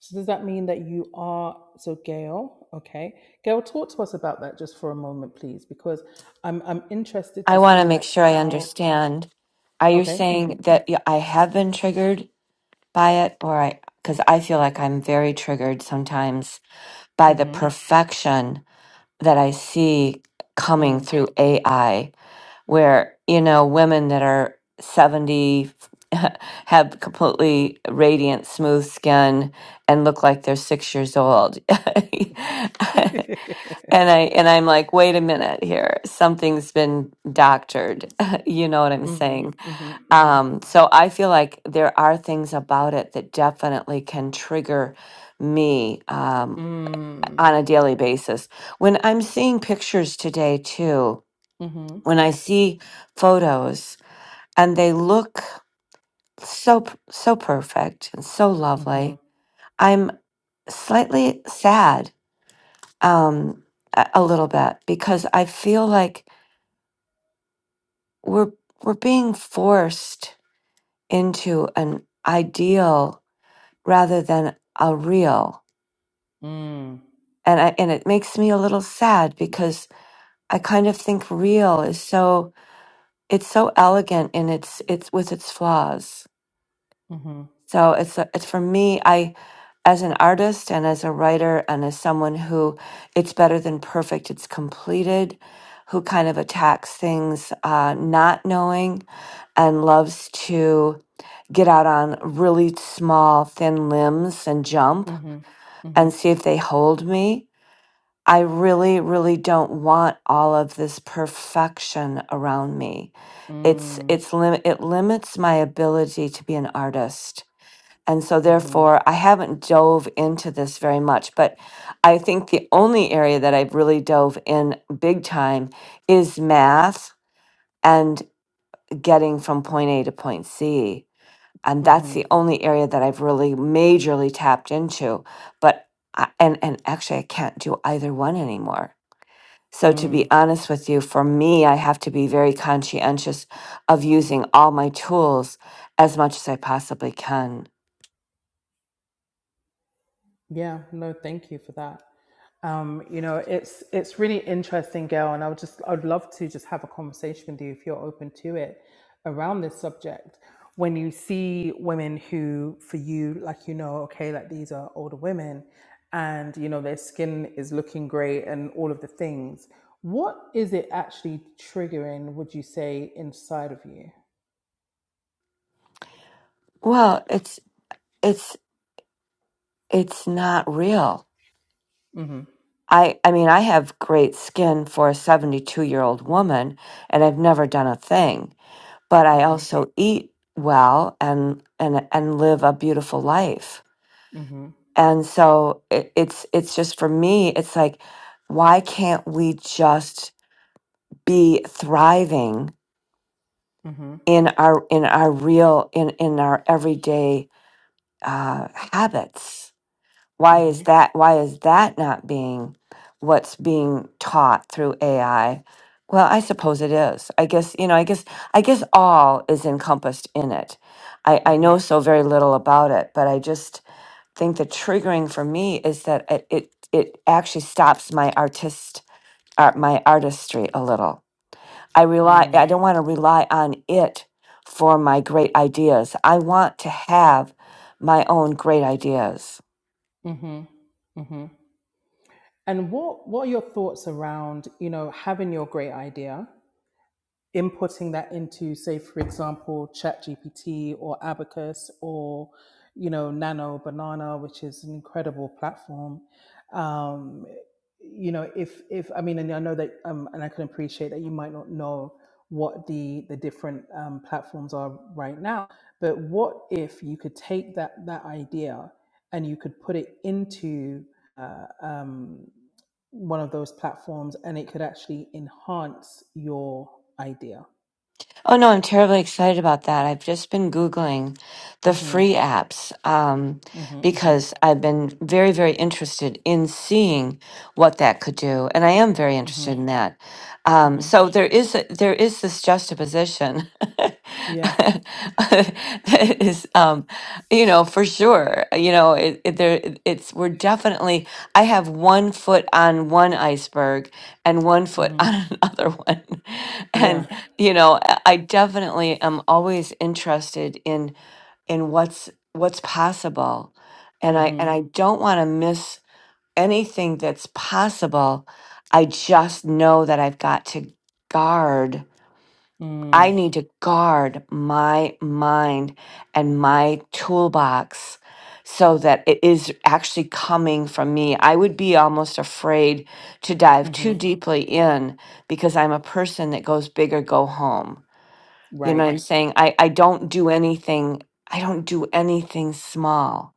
So does that mean that you are so Gail? Okay, Gail, talk to us about that just for a moment, please, because I'm I'm interested I to want to see make like sure I how. understand. Are you Okay, mhm. saying that y- I have been triggered by it or I because I feel like I'm very triggered sometimes by the Mhm. perfection that I see coming Mm. through AI where you know women that are 70 [LAUGHS] have completely radiant smooth skin and look like they're 6 years old. [LAUGHS] and [LAUGHS] I and I'm like wait a minute here something's been doctored. [LAUGHS] you know what I'm Mhm. saying? Mhm. Mhm. Um, so I feel like there are things about it that definitely can trigger me um, Mm. on a daily basis. When I'm seeing pictures today, too, Mhm. when I see photos and they look so p- so perfect and so Mhm. lovely, I'm slightly sad um, a, a little bit because I feel like we're we're being forced into an ideal rather than a real Mm. and I and it makes me a little sad because I kind of think real is so it's so elegant in its its with its flaws. Mhm. So it's a- it's for me I as an artist and as a writer and as someone who it's better than perfect it's completed who kind of attacks things uh, not knowing and loves to get out on really small thin limbs and jump Mhm. and Mhm. see if they hold me I really, really don't want all of this perfection around me. It's Mm. it's lim- it limits my ability to be an artist. And so Mhm. therefore I haven't dove into this very much, but I think the only area that I've really dove in big time is math and getting from point A to point C. And that's Mhm. the only area that I've really majorly tapped into. But I, and and actually I can't do either one anymore so, to Mm. be honest with you, for me, I have to be very conscientious of using all my tools as much as I possibly can. Yeah, no, thank you for that. Um, you know, it's it's really interesting, Gail, and I would just I'd love to just have a conversation with you if you're open to it around this subject. When you see women who, for you, like you know, okay, like these are older women, and you know their skin is looking great and all of the things. What is it actually triggering? Would you say inside of you? Well, it's it's it's not real. Mm-hmm. I I mean, I have great skin for a 72-year-old woman and I've never done a thing, but I Mm-hmm. also eat well and and and live a beautiful life. Mm-hmm. And so it, it's it's just for me, it's like why can't we just be thriving Mm-hmm. in our in our real in in our everyday uh, habits. Why is Mm-hmm. that? Why is that not being what's being taught through AI? Well, I suppose it is. I guess you know. I guess I guess all is encompassed in it. I, I Mm-hmm. know so very little about it, but I just think the triggering for me is that it it, it actually stops my artist art, my artistry a little I rely I Mm. don't want to rely on it for my great ideas. I want to have my own great ideas. Mm-hmm. Mm-hmm. And what what are your thoughts around you know having your great idea, inputting that into, say, for example, ChatGPT or Abacus or, you know, Nano Banana, which is an incredible platform. Um, you know, if if I mean, and I know that, um, and I can appreciate that you might not know what the the different um, platforms are right now, but what if you could take that that idea and you could put it into uh, um, one of those platforms and it could actually enhance your idea. Oh no, I'm terribly excited about that. I've just been Googling the Mhm. free apps um, Mhm. Mhm. because I've been very, very interested in seeing what that could do, and I am very Mhm. interested in that. Um, Mhm. so there is a, there is this juxtaposition [LAUGHS] that Yeah. is, um, you know, for sure. You know, it, it, there it's we're definitely. I have one foot on one iceberg and one foot Mhm. on [LAUGHS] another one, [LAUGHS] and Yeah. you know i I definitely am always interested in in what's what's possible and i and Mhm. i don't want to miss anything that's possible i just know that i've got to guard i Mm. need to guard my mind and my toolbox so that it is actually coming from me i would be almost afraid to dive too Mhm. deeply in because i'm a person that goes big or go home you know Right. what I'm saying? I, I don't do anything. I don't do anything small.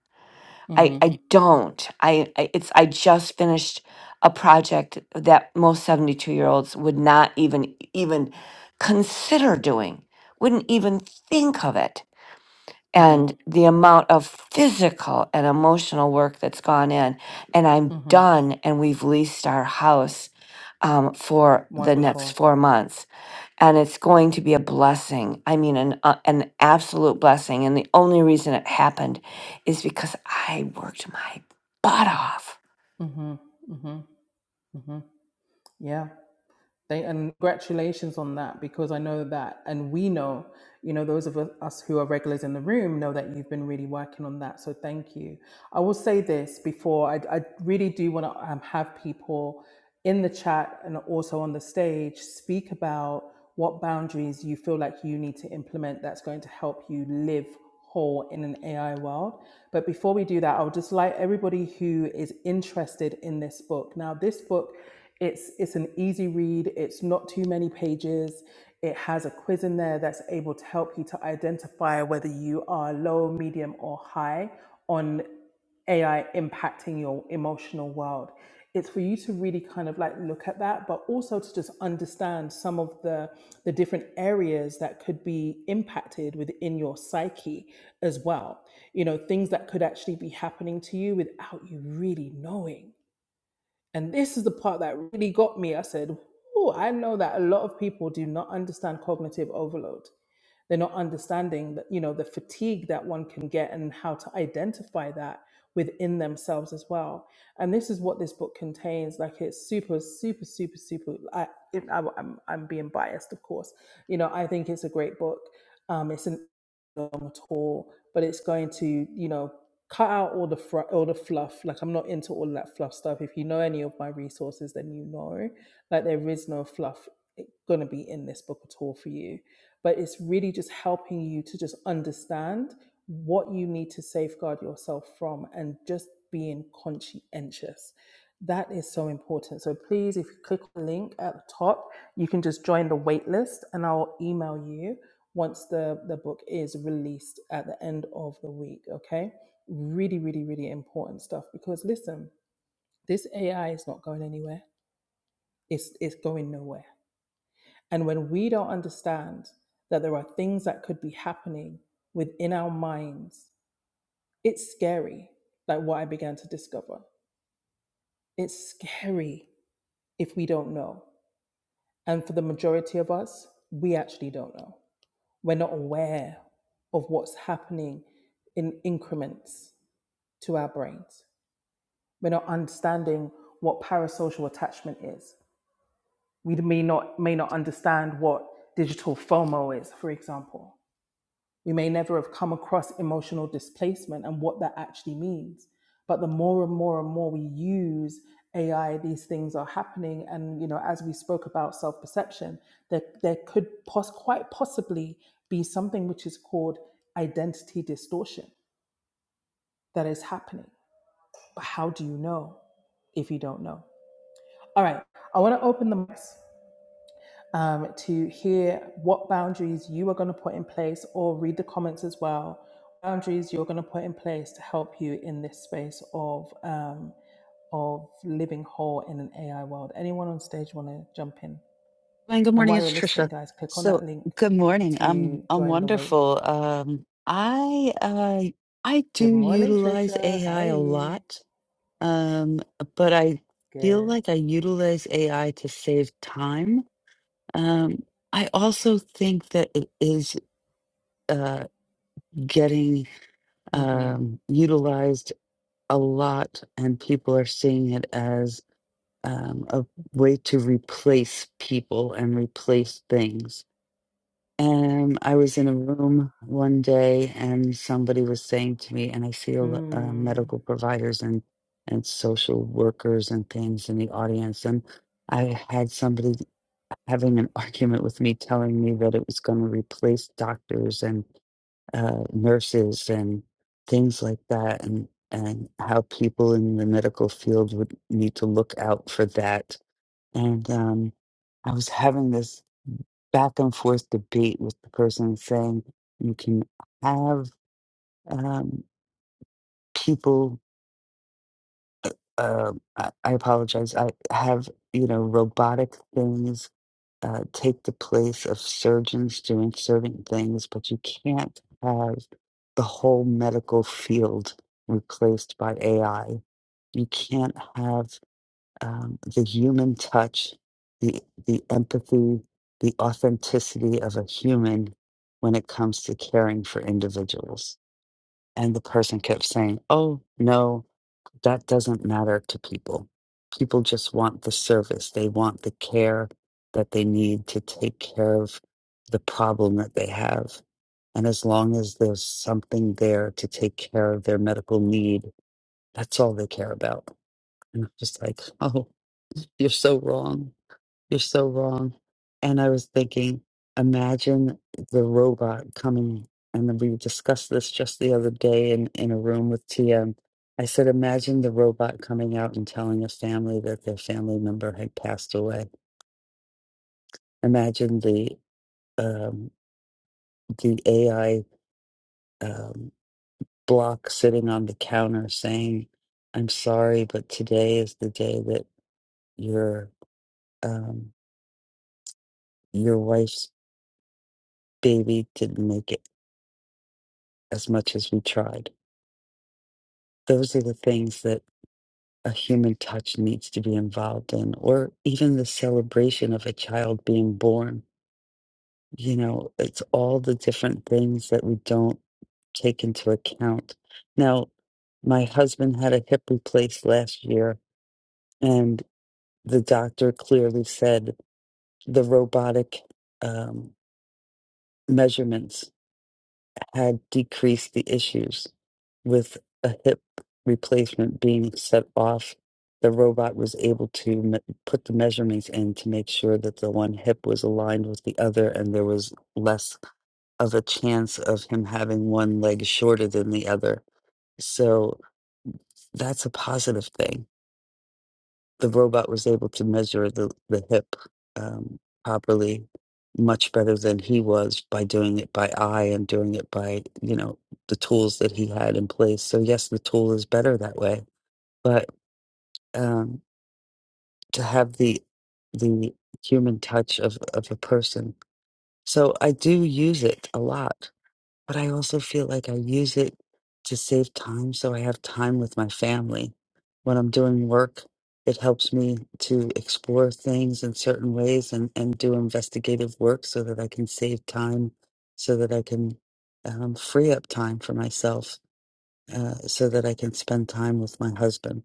I, Mhm. I don't. I, I it's I just finished a project that most 72 year olds would not even even consider doing, wouldn't even think of it. Mhm. And the amount of physical and emotional work that's gone in, and I'm Mhm. done, and we've leased our house um, for the next Wonderful. four months and it's going to be a blessing. I mean, an uh, an absolute blessing. And the only reason it happened is because I worked my butt off Mhm. Mhm. Mhm. Yeah. They, and congratulations on that because I know that, and we know, you know, those of us who are regulars in the room know that you've been really working on that. So thank you. I will say this before I, I really do want to um, have people in the chat and also on the stage speak about what boundaries you feel like you need to implement that's going to help you live whole in an AI world. But before we do that, I would just like everybody who is interested in this book. Now, this book, it's it's an easy read. It's not too many pages. It has a quiz in there that's able to help you to identify whether you are low, medium, or high on AI impacting your emotional world. It's for you to really kind of like look at that, but also to just understand some of the the different areas that could be impacted within your psyche as well. You know, things that could actually be happening to you without you really knowing and this is the part that really got me. I said, Oh, I know that a lot of people do not understand cognitive overload. They're not understanding that, you know, the fatigue that one can get and how to identify that within themselves as well. And this is what this book contains. Like it's super, super, super, super. I, it, I, I'm, I'm being biased, of course. You know, I think it's a great book. Um, it's an long at all, but it's going to, you know, cut out all the fr- all the fluff. Like I'm not into all that fluff stuff. If you know any of my resources, then you know, like there is no fluff going to be in this book at all for you. But it's really just helping you to just understand what you need to safeguard yourself from, and just being conscientious. That is so important. So please, if you click on the link at the top, you can just join the wait list and I'll email you once the, the book is released at the end of the week. Okay. Really, really, really important stuff because listen, this AI is not going anywhere. It's it's going nowhere. And when we don't understand that there are things that could be happening within our minds, it's scary. Like what I began to discover. It's scary if we don't know. And for the majority of us, we actually don't know We're not aware of what's happening in increments to our brains. We're not understanding what parasocial attachment is. We may not, may not understand what digital FOMO is, for example. We may never have come across emotional displacement and what that actually means. But the more and more and more we use AI, these things are happening. And you know, as we spoke about self-perception, there there could pos- quite possibly be something which is called identity distortion that is happening. But how do you know if you don't know? All right, I want to open the mics. um, to hear what boundaries you are going to put in place or read the comments as well. Boundaries you're going to put in place to help you in this space of um, of living whole in an AI world. Anyone on stage want to jump in? Glenn, good And morning. while It's you're Trisha. listening, guys, click on that So, link good morning. I'm to I'm join the waitlist. wonderful. Um, I uh, I do Good morning, utilize Trisha. How AI are a you? lot, um, but I feel Good. like I utilize AI to save time. Um, I also think that it is uh, getting Mm-hmm. um, utilized a lot, and people are seeing it as um, a way to replace people and replace things. Um, I was in a room one day and somebody was saying to me, and I see a l- uh, Mm. medical providers and, and social workers and things in the audience. And I had somebody having an [LAUGHS] argument with me telling me that it was going to replace doctors and uh, nurses and things like that, and, and how people in the medical field would need to look out for that. And um, I was having this back and forth debate with the person saying you can have um, people. Uh, I, I apologize. I have you know robotic things uh, take the place of surgeons doing certain things, but you can't have the whole medical field replaced by AI. You can't have um, the human touch, the the empathy, the authenticity of a human when it comes to caring for individuals. And the person kept saying, "Oh no, that doesn't matter to people. People just want the service. They want the care that they need to take care of the problem that they have. And as long as there's something there to take care of their medical need, that's all they care about." And I'm just like, "Oh, you're so wrong." You're so wrong. And I was thinking, imagine the robot coming. And then we discussed this just the other day in, in a room with TM. I said, imagine the robot coming out and telling a family that their family member had passed away. Imagine the um, the AI um, block sitting on the counter saying, "I'm sorry, but today is the day that your um, your wife's baby didn't make it as much as we tried." those are the things that a human touch needs to be involved in, or even the celebration of a child being born. You know, it's all the different things that we don't take into account. Now, my husband had a hip replaced last year, and the doctor clearly said the robotic um, measurements had decreased the issues, with a hip replacement being set off. The robot was able to me- put the measurements in to make sure that the one hip was aligned with the other, and there was less of a chance of him having one leg shorter than the other. So that's a positive thing the robot was able to measure the, the hip um, properly much better than he was by doing it by eye and doing it by you know the tools that he had in place so yes the tool is better that way but um, to have the the human touch of, of a person so i do use it a lot but I also feel like I use it to save time so I have time with my family. When I'm doing work, it helps me to explore things in certain ways and, and do investigative work so that I can save time, so that I can um, free up time for myself, uh, so that I can spend time with my husband,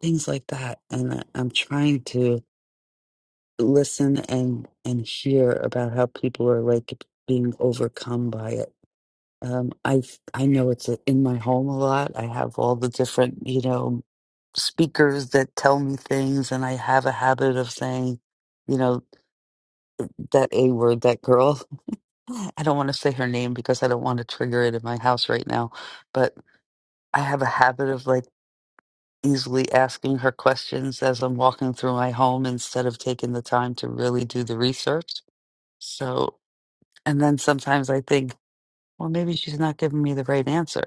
things like that. And I, I'm trying to listen and, and hear about how people are like being overcome by it um, I I know it's in my home a lot. I have all the different, you know, speakers that tell me things, and I have a habit of saying, you know, that A word, that girl. [LAUGHS] I don't want to say her name because I don't want to trigger it in my house right now, but I have a habit of like easily asking her questions as I'm walking through my home instead of taking the time to really do the research. So, and then sometimes I think, well, maybe she's not giving me the right answer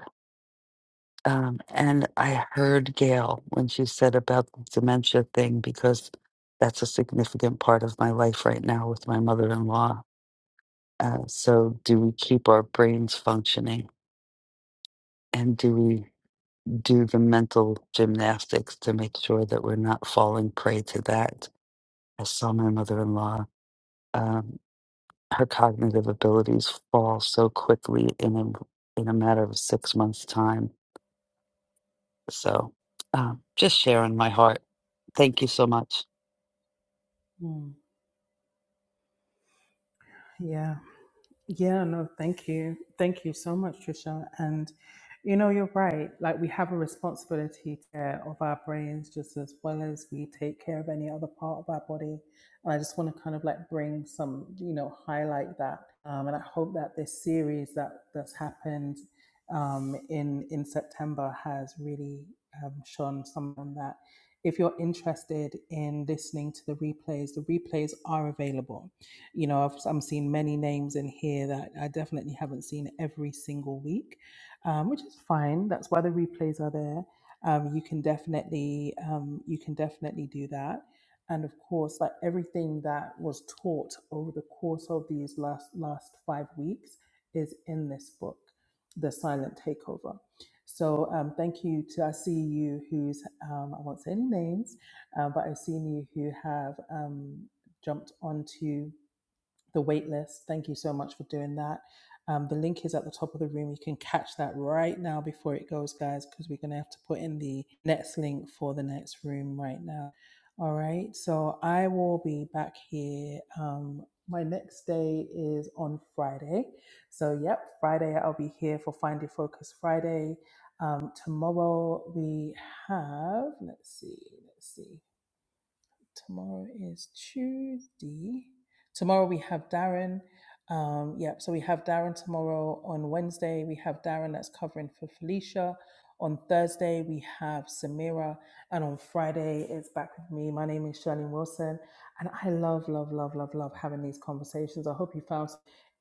Um, and I heard Gail when she said about the dementia thing because that's a significant part of my life right now with my mother in law. Uh, so, do we keep our brains functioning and do we do the mental gymnastics to make sure that we're not falling prey to that? I saw my mother in law, um, her cognitive abilities fall so quickly in a, in a matter of six months' time So um, just sharing my heart. Thank you so much. Mm. Yeah. Yeah, no, thank you. Thank you so much, Trisha. And you know, you're right. Like we have a responsibility to care of our brains just as well as we take care of any other part of our body. And I just want to kind of like bring some, you know, highlight that. Um, and I hope that this series that that's happened um, in in September has really um, shown someone that if you're interested in listening to the replays, the replays are available you know I've, I'm seeing many names in here that I definitely haven't seen every single week, um, which is fine. That's why the replays are there. Um, you can definitely um, you can definitely do that, and of course, like everything that was taught over the course of these last last five weeks is in this book, The Silent Takeover. So um, thank you to I see you who's um, I won't say any names, uh, but I've seen you who have um, jumped onto the wait list. Thank you so much for doing that. Um, the link is at the top of the room. You can catch that right now before it goes, guys, because we're going to have to put in the next link for the next room right now. All right. So I will be back here. Um, my next day is on Friday. So, yep, Friday I'll be here for Find Your Focus Friday. Um, tomorrow we have, let's see, let's see. Tomorrow is Tuesday. Tomorrow we have Darren. Um, yep, so we have Darren tomorrow. On Wednesday, we have Darren that's covering for Felicia. On Thursday, we have Samira. And on Friday, it's back with me. My name is Shirley Wilson. And I love, love, love, love, love having these conversations. I hope you found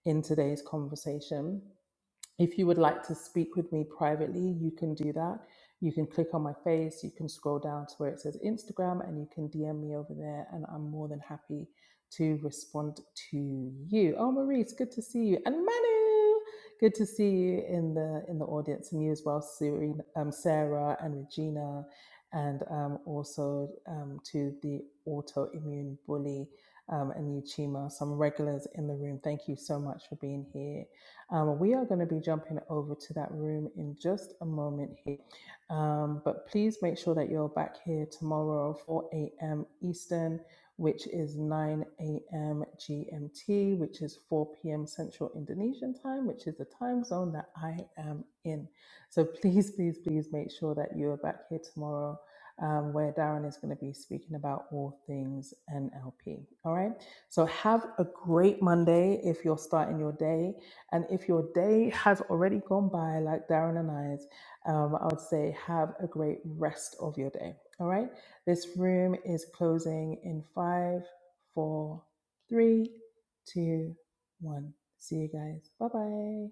in today's conversation. If you would like to speak with me privately, you can do that. You can click on my face, you can scroll down to where it says Instagram, and you can DM me over there, and I'm more than happy to respond to you. Oh, Maurice, good to see you, and Manu, good to see you in the in the audience, and you as well, Serena, um, Sarah and Regina, and um, also um, to the autoimmune bully um, and you, Chima, some regulars in the room. Thank you so much for being here um, we are going to be jumping over to that room in just a moment here. Um, but please make sure that you're back here tomorrow, 4 a.m. Eastern, which is 9 a.m. GMT, which is 4 p.m. Central Indonesian time, which is the time zone that I am in. So please, please, please make sure that you are back here tomorrow. Um, where Darren is going to be speaking about all things NLP. All right. So have a great Monday if you're starting your day. And if your day has already gone by, like Darren and I's, um, I would say have a great rest of your day. All right. This room is closing in five, four, three, two, one. See you guys. Bye bye.